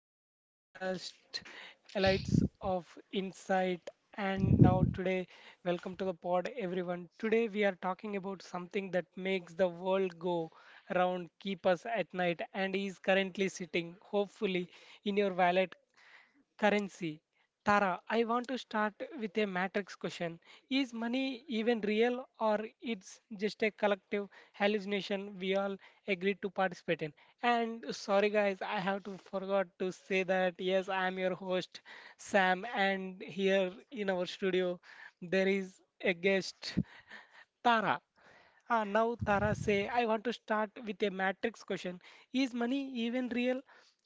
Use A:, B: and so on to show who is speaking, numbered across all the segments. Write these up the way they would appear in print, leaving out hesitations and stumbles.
A: to my podcast, Lights of Insight. And now, today, Welcome to the pod, everyone. Today, we are talking about something that makes the world go round, keep us at night, and is currently sitting, hopefully, in your wallet. Currency. Tara, I want to start with a matrix question. Is money even real, or it's just a collective hallucination we all agreed to participate in? And sorry guys, I have to forgot to say that yes, I am your host Sam, and here in our studio there is a guest Tara. Now Tara say, I want to start with a matrix question. Is money even real,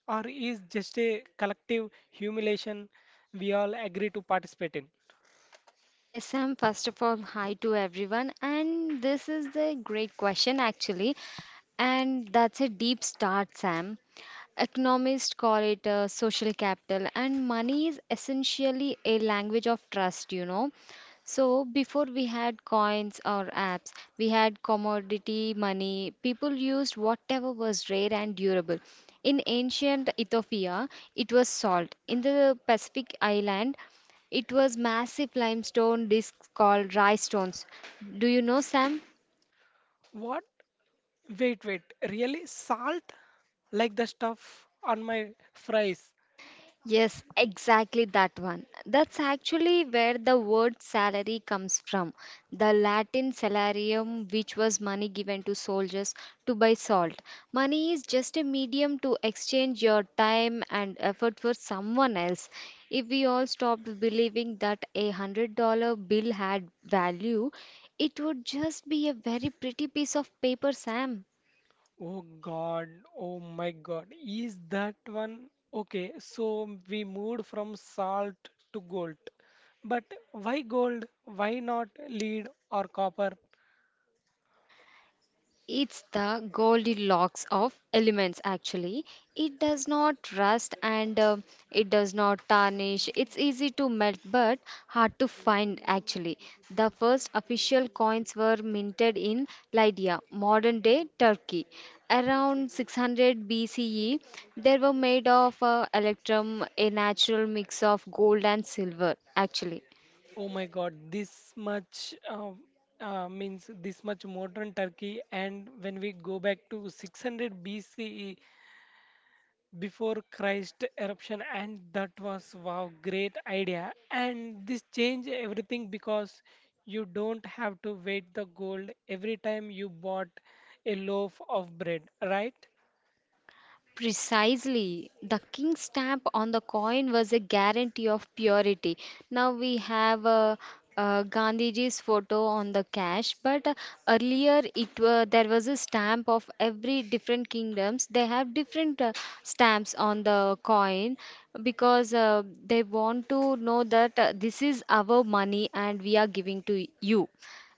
A: or is just a collective humiliation we all agree to participate in?
B: Yes, Sam, first of all, hi to everyone. And this is the great question, actually. And that's a deep start, Sam. Economists call it social capital, and money is essentially a language of trust. So, before we had coins or apps, we had commodity money. People used whatever was rare and durable. In ancient Ethiopia, it was salt. In the Pacific island, it was massive limestone discs called rhinestones. Do you know, Sam?
A: What? Wait, wait. Really? Salt? Like the stuff on my fries?
B: Yes, exactly that one. That's actually where the word salary comes from. The Latin salarium, which was money given to soldiers to buy salt. Money is just a medium to exchange your time and effort for someone else. If we all stopped believing that $100 bill had value, it would just be a very pretty piece of paper, Sam.
A: Oh God. Oh my God. Is that one? Okay, so we moved from salt to gold. But why gold? Why not lead or copper?
B: It's the Goldilocks of elements, actually. It does not rust and it does not tarnish. It's easy to melt but hard to find, actually. The first official coins were minted in Lydia, modern day Turkey. Around 600 BCE, they were made of electrum, a natural mix of gold and silver, actually.
A: Oh my God, this much means this much modern Turkey, and when we go back to 600 BCE before Christ eruption, and that was wow, great idea. And this changed everything because you don't have to wait the gold every time you bought a loaf of bread, right?
B: Precisely. The king's stamp on the coin was a guarantee of purity. Now we have Gandhiji's photo on the cash, but there was a stamp of every different kingdoms. They have different stamps on the coin because they want to know that this is our money and we are giving to you,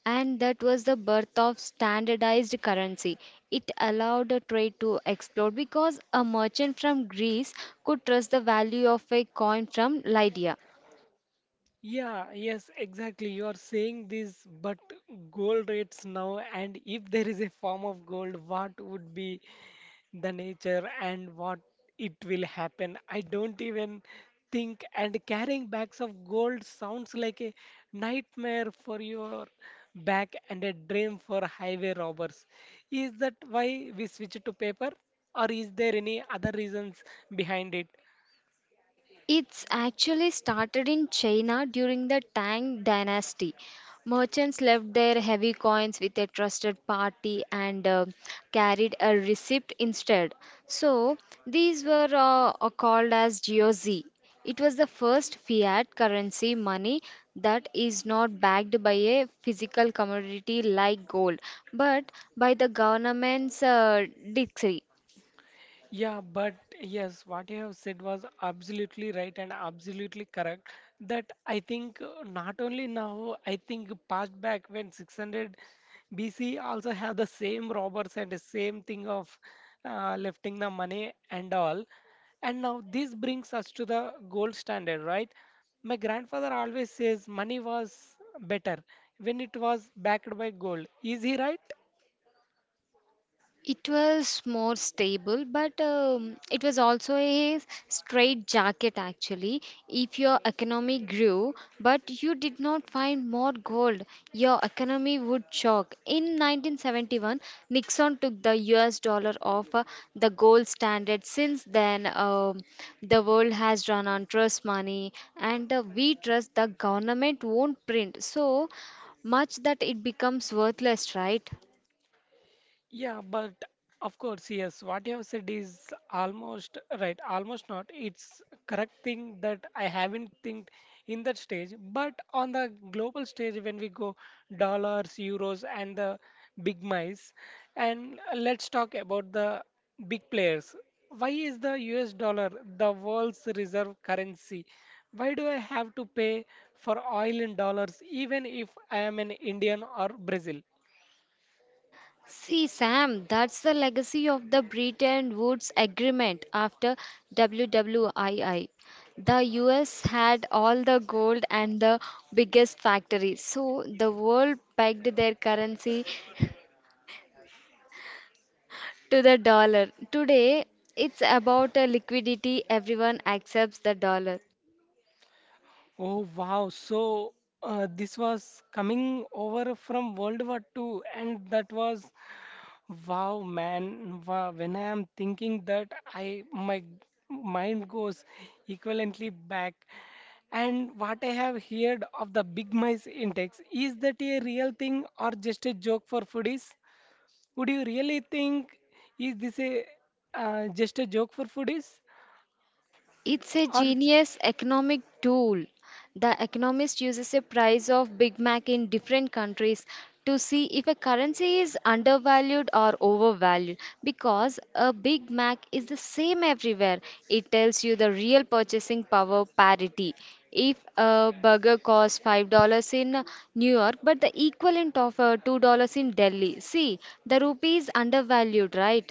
B: and that was the birth of standardized currency. It allowed a trade to explode because a merchant from Greece could trust the value of a coin from Lydia.
A: Yeah, yes, exactly. You are saying this, but gold rates now, and if there is a form of gold, what would be the nature and what it will happen. I don't even think and carrying bags of gold sounds like a nightmare for your back and a dream for highway robbers. Is that why we switch to paper, or is there any other reasons behind it?
B: It's actually started in China during the Tang dynasty. Merchants left their heavy coins with a trusted party and carried a receipt instead. So these were called as GOZ. It was the first fiat currency money that is not backed by a physical commodity like gold, but by the government's decree.
A: Yeah, but yes, what you have said was absolutely right and absolutely correct. That I think not only now, I think past back when 600 BC also have the same robbers and the same thing of lifting the money and all. And now this brings us to the gold standard, right? My grandfather always says money was better when it was backed by gold. Is he right?
B: It was more stable, but it was also a straight jacket, actually. If your economy grew, but you did not find more gold, your economy would shock. In 1971, Nixon took the US dollar off the gold standard. Since then, the world has run on trust money, and we trust the government won't print so much that it becomes worthless, right?
A: Yeah, but of course, yes, what you have said is almost right, almost not. It's correct thing that I haven't think in that stage. But on the global stage, when we go dollars, euros, and the big mice, and let's talk about the big players. Why is the US dollar the world's reserve currency? Why do I have to pay for oil in dollars even if I am in Indian or Brazil?
B: See, Sam, that's the legacy of the Bretton Woods Agreement after WWII. The US had all the gold and the biggest factories, so the world pegged their currency to the dollar. Today, it's about a liquidity, everyone accepts the dollar.
A: Oh wow! So this was coming over from World War Two, and that was wow, man. Wow. When I am thinking that, I my mind goes equivalently back. And what I have heard of the big mice index, is that a real thing or just a joke for foodies? Would you really think is this a just a joke for foodies
B: It's a
A: or? It's
B: genius economic tool. The economist uses a price of Big Mac in different countries to see if a currency is undervalued or overvalued because a Big Mac is the same everywhere. It tells you the real purchasing power parity. If a burger costs $5 in New York but the equivalent of $2 in Delhi, see, the rupee is undervalued, right?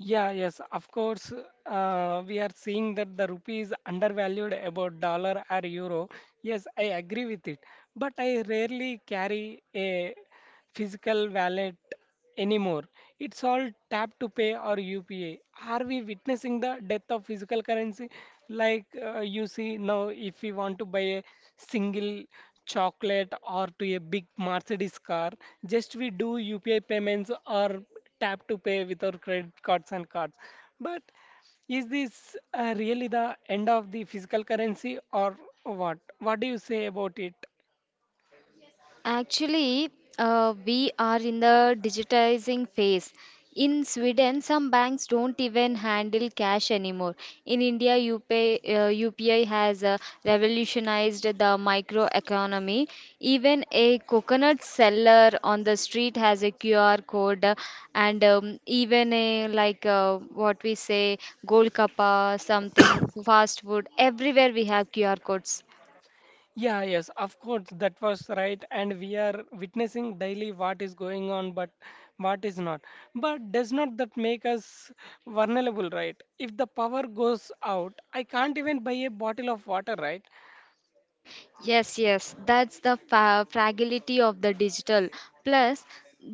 A: yeah, yes, of course. We are seeing that the rupee is undervalued about dollar or euro. Yes, I agree with it. But I rarely carry a physical wallet anymore. It's all tap to pay or UPI. Are we witnessing the death of physical currency? Like you see now, if we want to buy a single chocolate or to a big Mercedes car, just we do UPI payments or tap to pay with our credit cards and cards. But is this really the end of the physical currency or what? What do you say about it?
B: Actually, we are in the digitizing phase. In Sweden, some banks don't even handle cash anymore. In India, UPI has revolutionized the microeconomy. Even a coconut seller on the street has a QR code, and even a like what we say, Golkappa, something, fast food. Everywhere we have QR codes.
A: Yeah, yes, of course, that was right, and we are witnessing daily what is going on, but what is not. But does not that make us vulnerable, right? If the power goes out, I can't even buy a bottle of water, right?
B: Yes, yes, that's the fa fragility of the digital. Plus,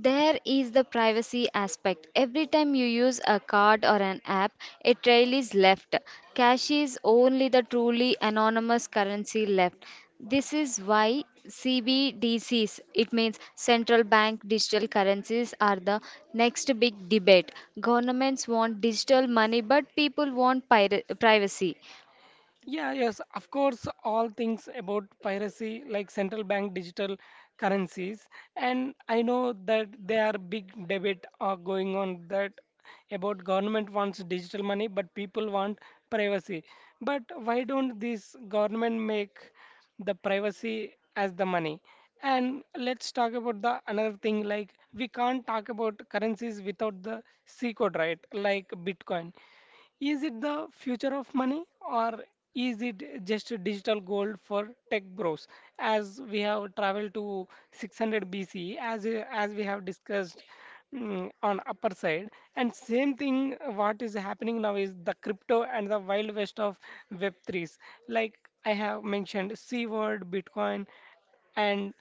B: there is the privacy aspect. Every time you use a card or an app, a trail is left. Cash is only the truly anonymous currency left. This is why CBDCs, it means central bank digital currencies, are the next big debate. Governments want digital money, but people want pir privacy.
A: Yeah, yes, of course, all things about piracy, like central bank digital currencies. And I know that there are big debate going on that about government wants digital money, but people want privacy. But why don't this government make the privacy as the money? And let's talk about the another thing like we can't talk about currencies without the C code, right? Like Bitcoin. Is it the future of money, or is it just a digital gold for tech bros? As we have traveled to 600 BC, as we have discussed on upper side, and same thing what is happening now is the crypto and the wild west of Web3s. Like I have mentioned, C word, Bitcoin, and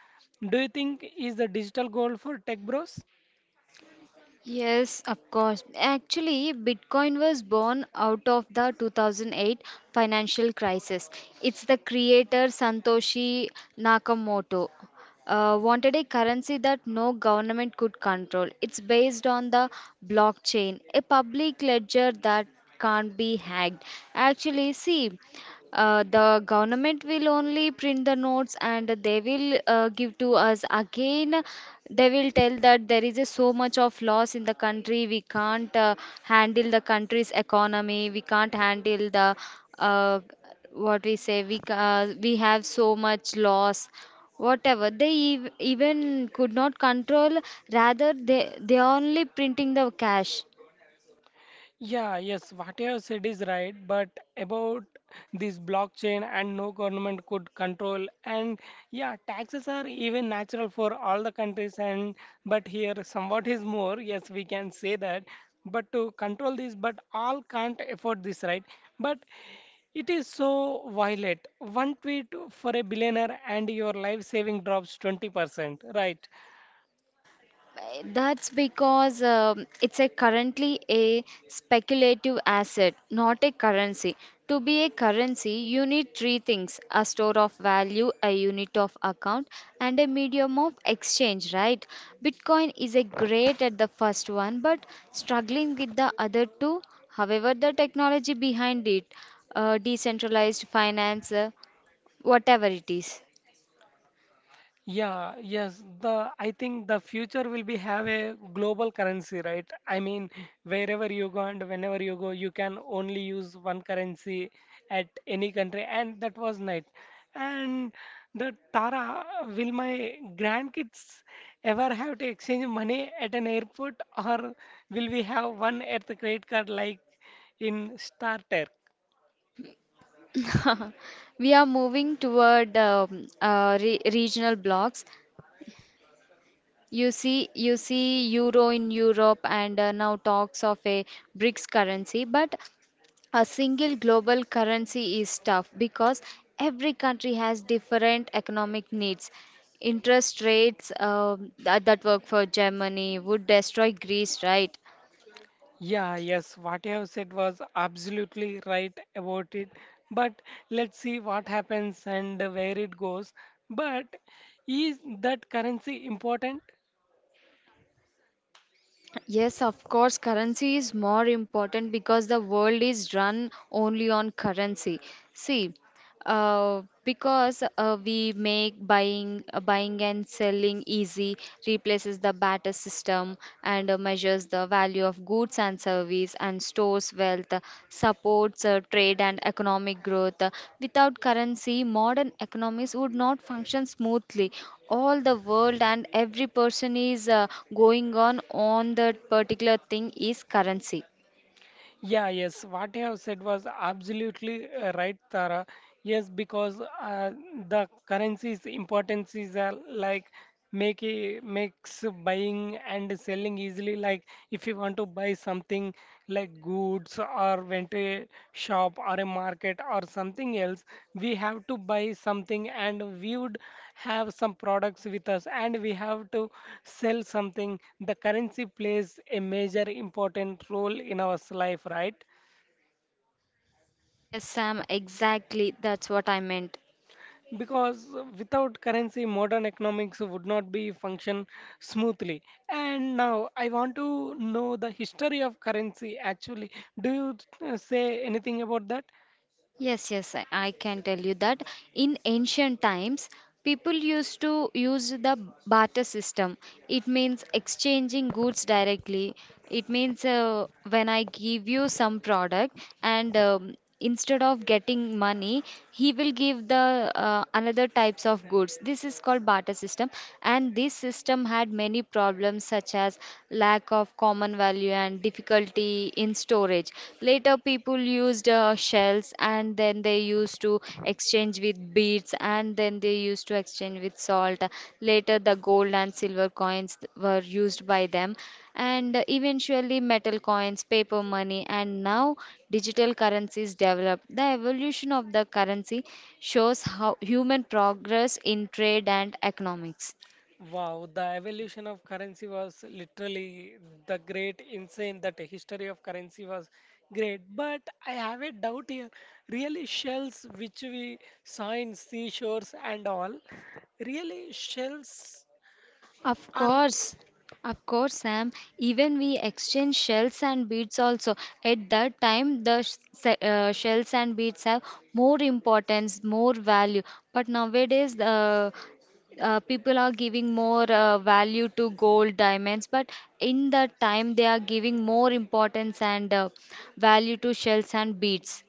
A: do you think is the digital gold for tech bros?
B: Yes, of course. Actually, Bitcoin was born out of the 2008 financial crisis. It's the creator Satoshi Nakamoto wanted a currency that no government could control. It's based on the blockchain, a public ledger that can't be hacked. Actually, see. The government will only print the notes and they will give to us again. They will tell that there is a so much of loss in the country. We can't handle the country's economy. We can't handle the uh, what we say. We have so much loss. Even could not control. Rather, they are only printing the cash.
A: Yeah, yes, what you have said is right, but about this blockchain and no government could control and yeah, taxes are even natural for all the countries and but here somewhat is more, yes, we can say that, but to control this, but all can't afford this, right? But it is so violent. One tweet for a billionaire and your life saving drops 20%, right?
B: That's because it's a currently a speculative asset, not a currency. To be a currency, you need three things: a store of value, a unit of account, and a medium of exchange, right? Bitcoin is a great at the first one, but struggling with the other two. However, the technology behind it, decentralized finance, whatever it is.
A: Yeah, yes, the I think the future will be have a global currency, right? I mean, wherever you go and whenever you go, you can only use one currency at any country, and that was nice. And the Tara, will my grandkids ever have to exchange money at an airport, or will we have one Earth credit card like in Star Trek?
B: We are moving toward re regional blocks. You see euro in Europe and now talks of a BRICS currency, but a single global currency is tough because every country has different economic needs. Interest rates um that work for Germany would destroy Greece, right?
A: Yeah, yes, what you have said was absolutely right about it. But let's see what happens and where it goes. But is that currency important?
B: Yes, of course, currency is more important because the world is run only on currency. See, because we make buying and selling easy, replaces the barter system and measures the value of goods and service and stores wealth, supports trade and economic growth. Without currency, modern economies would not function smoothly. All the world and every person is going on that particular thing is currency.
A: Yeah, yes, what you have said was absolutely right, Tara. Yes, because the currency's importance is like makes buying and selling easily. Like if you want to buy something like goods or went to a shop or a market or something else, we have to buy something and we would have some products with us and we have to sell something. The currency plays a major important role in our life, right?
B: Yes, Sam, exactly. That's what I meant.
A: Because without currency modern economics would not be function smoothly. And now I want to know the history of currency actually. Do you say anything about that?
B: Yes, yes, I can tell you that in ancient times, people used to use the barter system. It means exchanging goods directly. It means when I give you some product and instead of getting money, he will give the another types of goods. This is called barter system, and this system had many problems such as lack of common value and difficulty in storage. Later, people used shells and then they used to exchange with beads and then they used to exchange with salt. Later, the gold and silver coins were used by them, and eventually, metal coins, paper money, and now digital currencies developed. The evolution of the currency shows how human progress in trade and economics.
A: Wow, the evolution of currency was literally the great insane that the history of currency was great. But I have a doubt here. Really shells which we saw in seashores and all, really shells
B: Of
A: are
B: course, of course, Sam. Even we exchange shells and beads also. At that time, shells and beads have more importance, more value. But nowadays, the people are giving more value to gold, diamonds. But in that time, they are giving more importance and value to shells and beads.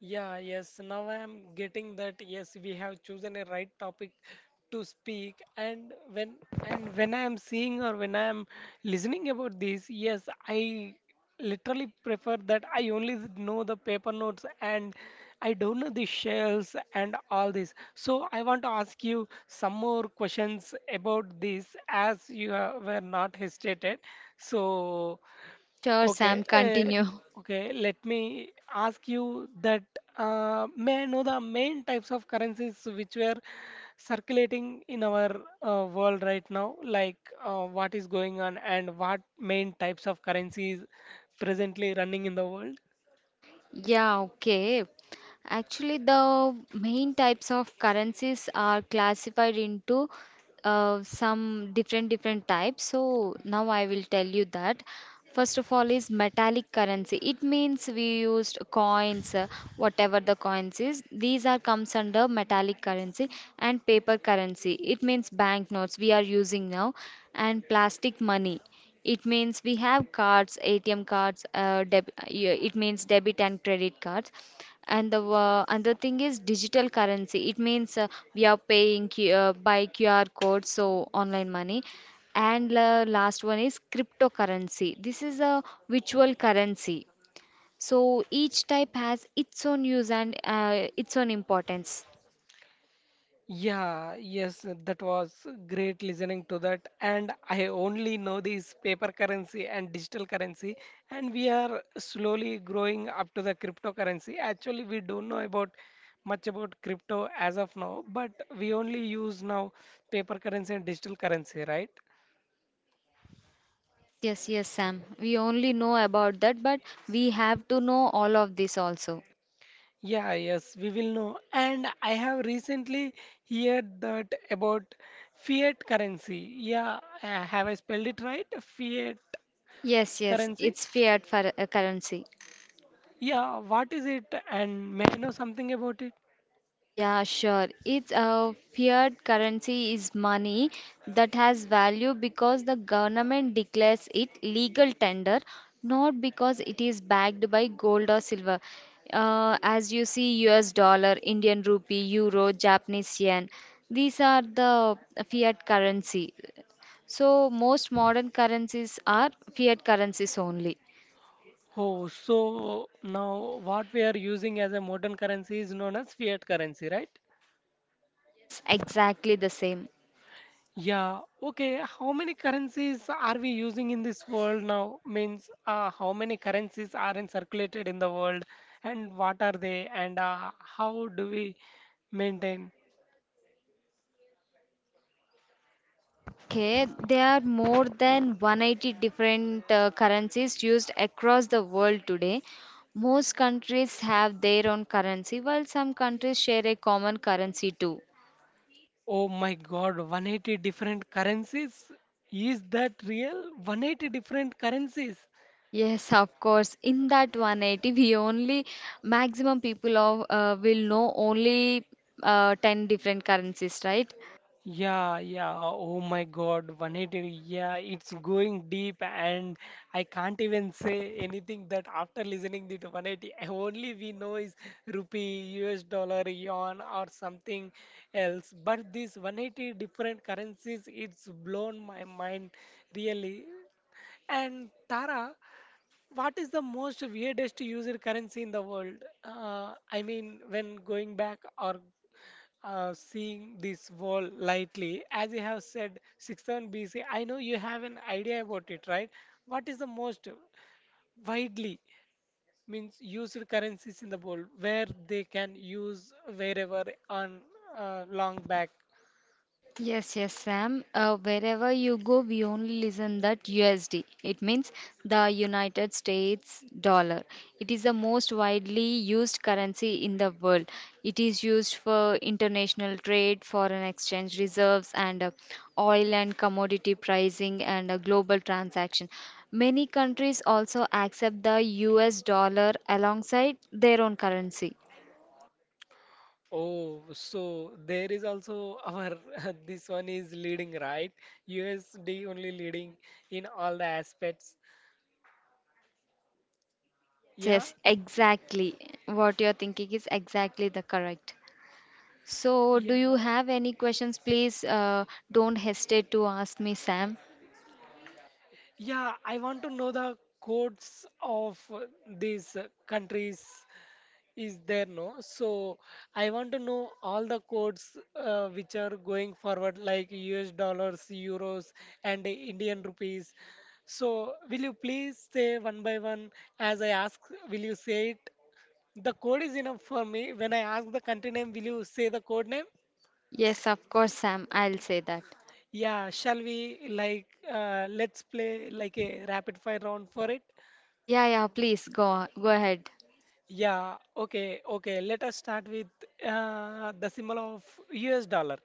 A: yeah, yes, now I am getting that yes, we have chosen a right topic to speak and when I am seeing or when I am listening about this, yes, I literally prefer that I only know the paper notes and I don't know the shells and all this. So I want to ask you some more questions about this as you were not hesitated. So
B: Sure,
A: okay,
B: Sam, continue.
A: okay. Let me ask you that may I know the main types of currencies which were circulating in our world right now? Like what is going on and what main types of currencies presently running in the world?
B: Yeah, okay. Actually, the main types of currencies are classified into some different different types. So now I will tell you that. First of all is metallic currency. It means we used coins, whatever the coins is. These are comes under metallic currency and paper currency. It means banknotes we are using now and plastic money. It means we have cards, ATM cards, yeah, it means debit and credit cards. And the another thing is digital currency. It means we are paying by QR code, so online money and la last one is cryptocurrency. This is a virtual currency. So each type has its own use and its own importance.
A: Yeah, yes, that was great listening to that. And I only know this paper currency and digital currency, and we are slowly growing up to the cryptocurrency. Actually, we don't know about much about crypto as of now, but we only use now paper currency and digital currency, right?
B: Yes, yes, yes, Sam, we only know about that, but we have to know all of this also.
A: Yeah, yes, we will know. And I have recently heard that about fiat currency. Yeah, have I spelled it right? Fiat
B: Yes, yes,
A: currency.
B: it's fiat for a currency.
A: Yeah, what is it and may I know something about it?
B: Yeah, sure. It's a fiat currency is money that has value because the government declares it legal tender, not because it is backed by gold or silver. As you see, US dollar, Indian rupee, euro, Japanese yen, these are the fiat currency. So most modern currencies are fiat currencies only.
A: Oh, so now what we are using as a modern currency is known as fiat currency, right?
B: Yes, exactly the same.
A: Yeah, okay. How many currencies are we using in this world now? Means how many currencies are in circulated in the world and what are they and how do we maintain?
B: Okay, there are more than 180 different currencies used across the world today. Most countries have their own currency, while some countries share a common currency too.
A: Oh my God, 180 different currencies? Is that real? 180 different currencies?
B: Yes, of course. In that 180, we only maximum people of will know only 10 different currencies, right?
A: Yeah, yeah. Oh my God, 180. Yeah, it's going deep, and I can't even say anything that after listening to 180, only we know is rupee, US dollar, yuan, or something else. But this 180 different currencies, it's blown my mind really. And Tara, what is the most weirdest user currency in the world? I mean, when going back or seeing this wall lightly. As you have said, 6000 BC, I know you have an idea about it, right? What is the most widely means used currencies in the world where they can use wherever on long back?
B: Yes, yes, Sam. Wherever you go, we only listen that USD. It means the United States dollar. It is the most widely used currency in the world. It is used for international trade, foreign exchange reserves, and oil and commodity pricing and global transaction. Many countries also accept the US dollar alongside their own currency.
A: Oh, so there is also our this one is leading, right? USD only leading in all the aspects.
B: Yes,
A: Yeah,
B: yes, exactly. What you're thinking is exactly the correct. So, do you
A: yeah.
B: have any questions? Please don't hesitate to ask me, Sam.
A: Yeah, I want to know the codes of these countries is there no? So I want to know all the codes which are going forward like US dollars, euros and Indian rupees. So will you please say one by one as I ask, will you say it? The code is enough for me. When I ask the country name, will you say the code name?
B: Yes, of course, Sam. I'll say that.
A: Yeah, shall we like let's play like a rapid fire round for it?
B: Yeah, yeah, please go ahead.
A: Yeah, okay, okay. Let us start with the symbol of US dollar.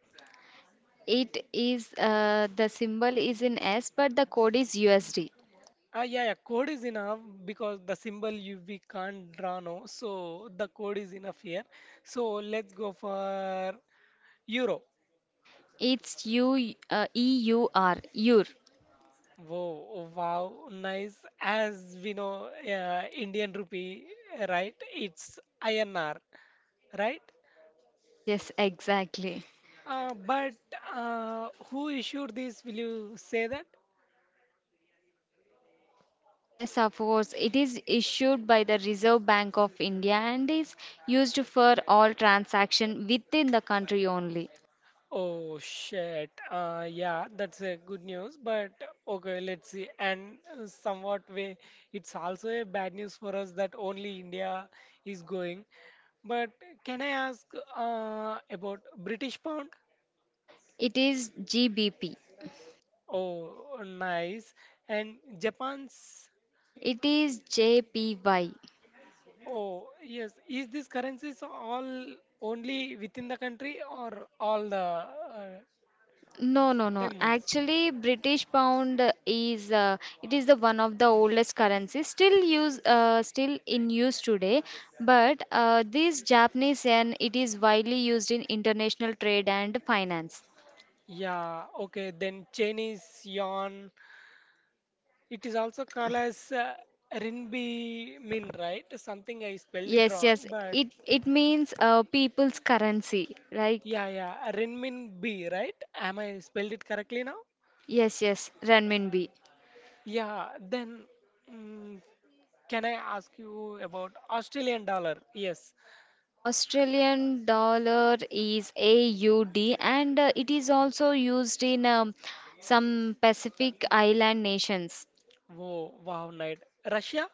B: It is the symbol is in S, but the code is USD.
A: Yeah, yeah, code is enough because the symbol you we can't draw now, so the code is enough here. So let's go for euro.
B: It's U EUR, EUR.
A: Whoa, wow, nice. As we know, Indian rupee, right? It's INR, right?
B: Yes, yes, exactly.
A: But who issued this? Will you say that?
B: Yes, of course. It is issued by the Reserve Bank of India and is used for all transaction within the country only.
A: Oh shit. Yeah, that's a good news, but okay, let's see. And somewhat way, it's also a bad news for us that only India is going. But can I ask about British pound?
B: It is GBP.
A: Oh, nice. And Japan's?
B: It is JPY.
A: Oh, yes. Is these currencies all only within the country or all the
B: No, no, no.
A: 10 months?
B: Actually, British pound is it is the one of the oldest currencies still in use today. But this Japanese yen it is widely used in international trade and finance.
A: Yeah, okay, then Chinese yuan. It is also called as Rinbi Min, right? Something I spelled it
B: Yes, yes.
A: wrong, but
B: It means people's currency. Like
A: yeah, yeah, Rinmin B, right? Am I spelled it correctly now?
B: yes, yes. Renminbi.
A: Yeah, then mm, can I ask you about Australian dollar? Yes.
B: Australian dollar is AUD and it is also used in some Pacific island nations.
A: Whoa, wow, night. Russia?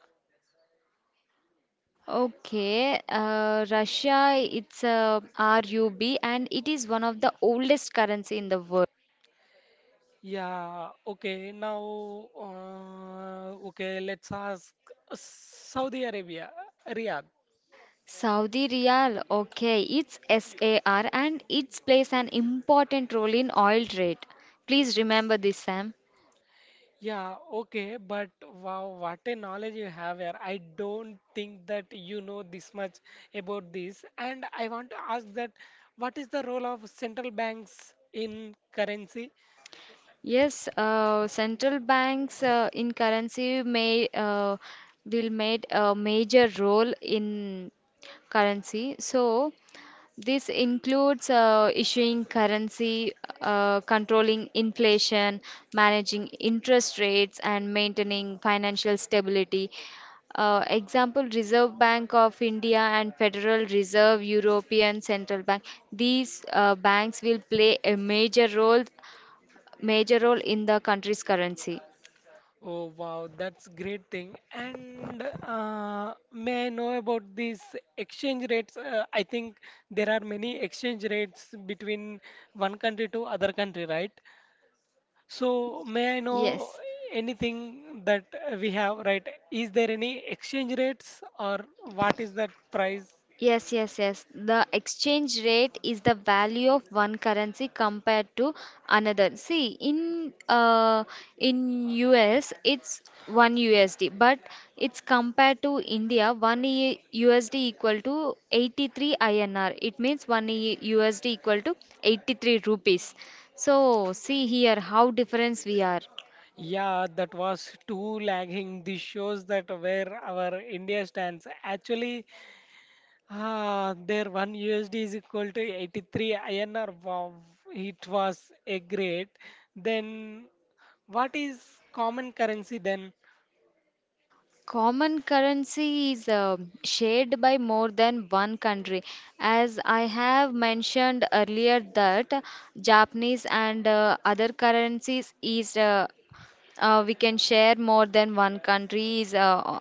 B: Okay, Russia, it's a RUB and it is one of the oldest currency in the world.
A: Yeah, okay. Now, okay, let's ask Saudi Arabia, Riyadh.
B: Saudi Riyal, okay, it's SAR and it plays an important role in oil trade. Please remember this, Sam.
A: Yeah, okay, but wow, what a knowledge you have here. I don't think that you know this much about this. And I want to ask that what is the role of central banks in currency?
B: Yes, central banks in currency may will made a major role in currency. So this includes issuing currency, controlling inflation, managing interest rates, and maintaining financial stability. Example, Reserve Bank of India and Federal Reserve European Central Bank. These banks will play a major role in the country's currency.
A: Oh, wow, that's great thing. And may I know about these exchange rates? I think there are many exchange rates between one country to other country, right? So, may I know
B: Yes.
A: anything that we have, right? Is there any exchange rates or
B: Ye-
A: what is that price?
B: Yes, yes, yes. The exchange rate is the value of one currency compared to another. See, in US it's one USD, but it's compared to India, USD equal to 83 INR. It means USD equal to 83 rupees. So see here how difference we are.
A: Yeah, that was too lagging. This shows that where our India stands. Actually, ah, their 1 USD is equal to 83 INR. Wow, it was a great. Then, what is common currency then?
B: Common currency is shared by more than one country. As I have mentioned earlier, that Japanese and other currencies is we can share more than one country is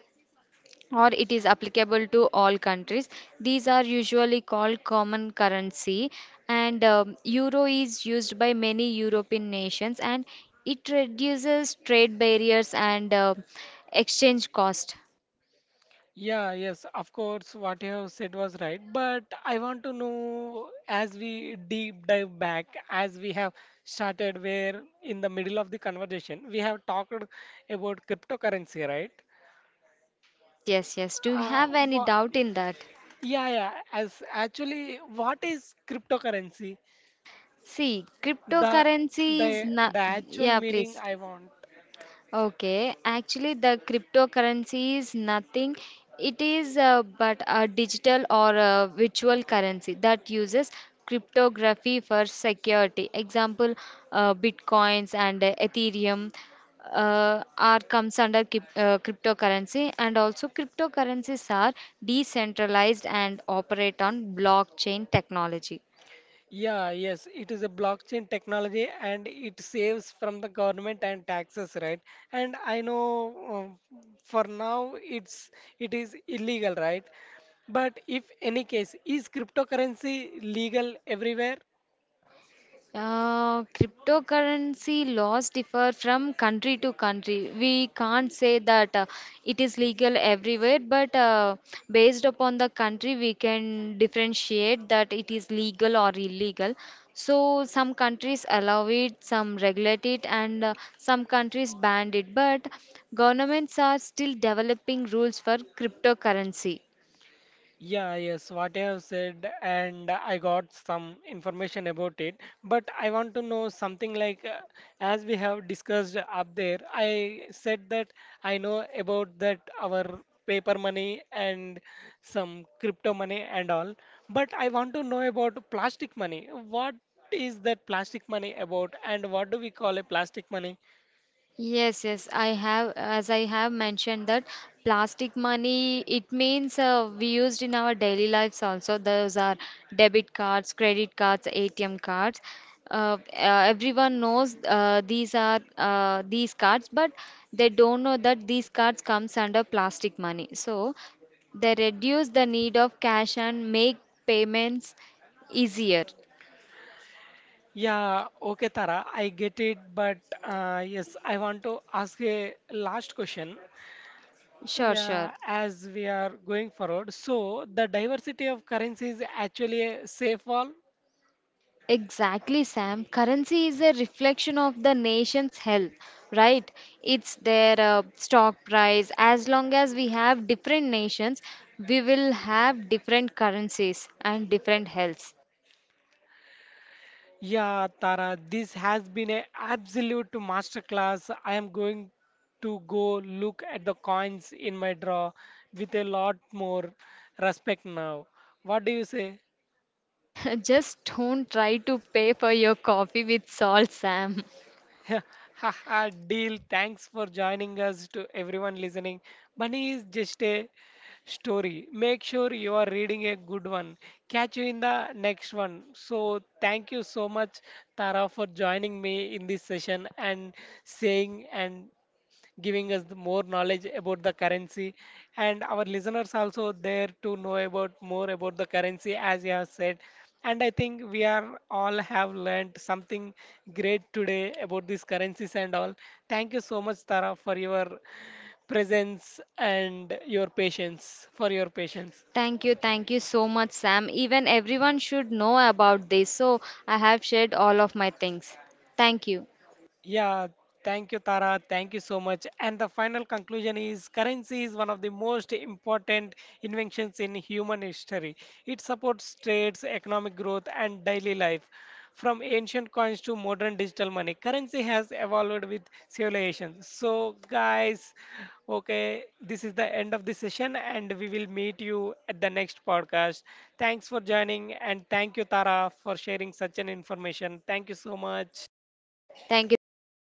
B: or it is applicable to all countries. These are usually called common currency, and euro is used by many European nations, and it reduces trade barriers and exchange cost.
A: Yeah, yes, of course, what you have said was right. But I want to know as we deep dive back, as we have started where in the middle of the conversation, we have talked about cryptocurrency, right?
B: Yes, yes, yes. Do you
A: Uh,
B: have any
A: wha
B: doubt in that?
A: yeah, yeah. As actually, what is cryptocurrency?
B: See,
A: The
B: cryptocurrency is
A: the
B: not.
A: the actual
B: Yeah,
A: meaning
B: please.
A: I want.
B: Okay, actually, the cryptocurrency is nothing. It is but a digital or a virtual currency that uses cryptography for security. Example, Bitcoins and Ethereum are comes under cryptocurrency, and also cryptocurrencies are decentralized and operate on blockchain technology.
A: Yeah, yes, it is a blockchain technology and it saves from the government and taxes, right? And I know for now it is illegal, right? But if any case, is cryptocurrency legal everywhere?
B: Cryptocurrency laws differ from country to country. We can't say that it is legal everywhere, but based upon the country, we can differentiate that it is legal or illegal. So, some countries allow it, some regulate it, and some countries ban it. But governments are still developing rules for cryptocurrency.
A: Yeah, yes, what you have said, and I got some information about it. But I want to know something like, as we have discussed up there, I said that I know about that our paper money and some crypto money and all. But I want to know about plastic money. What is that plastic money about, and what do we call a plastic money?
B: Yes, yes, I have, as I have mentioned that plastic money, it means we used in our daily lives also. Those are debit cards, credit cards, ATM cards. Everyone knows these are these cards, but they don't know that these cards comes under plastic money. So they reduce the need of cash and make payments easier.
A: Yeah, okay, Tara, I get it, but yes, I want to ask a last question.
B: Sure, sure.
A: Yeah, as we are going forward, so the diversity of currencies is actually a safe wall.
B: Exactly, Sam. Currency is a reflection of the nation's health, right? It's their stock price. As long as we have different nations, we will have different currencies and different healths.
A: Yeah, Tara, this has been an absolute masterclass. I am going to go look at the coins in my drawer with a lot more respect now. What do you say?
B: Just don't try to pay for your coffee with salt, Sam.
A: Haha, deal. Thanks for joining us to everyone listening. Bunny is just a story. Make sure you are reading a good one. Catch you in the next one. So, thank you so much, Tara, for joining me in this session and saying and giving us the more knowledge about the currency. And our listeners also there to know about more about the currency, as you have said. And I think we are all have learned something great today about these currencies and all. Thank you so much, Tara, for your presence and your patience, for your patience.
B: Thank you so much, Sam. Even everyone should know about this. So I have shared all of my things. Thank you.
A: Yeah, thank you, Tara. Thank you so much. And the final conclusion is currency is one of the most important inventions in human history. It supports trades, economic growth, and daily life. From ancient coins to modern digital money, currency has evolved with civilization. So, guys, okay, this is the end of the session, and we will meet you at the next podcast. Thanks for joining, and thank you, Tara, for sharing such an information. Thank you so much.
B: Thank you, thank you.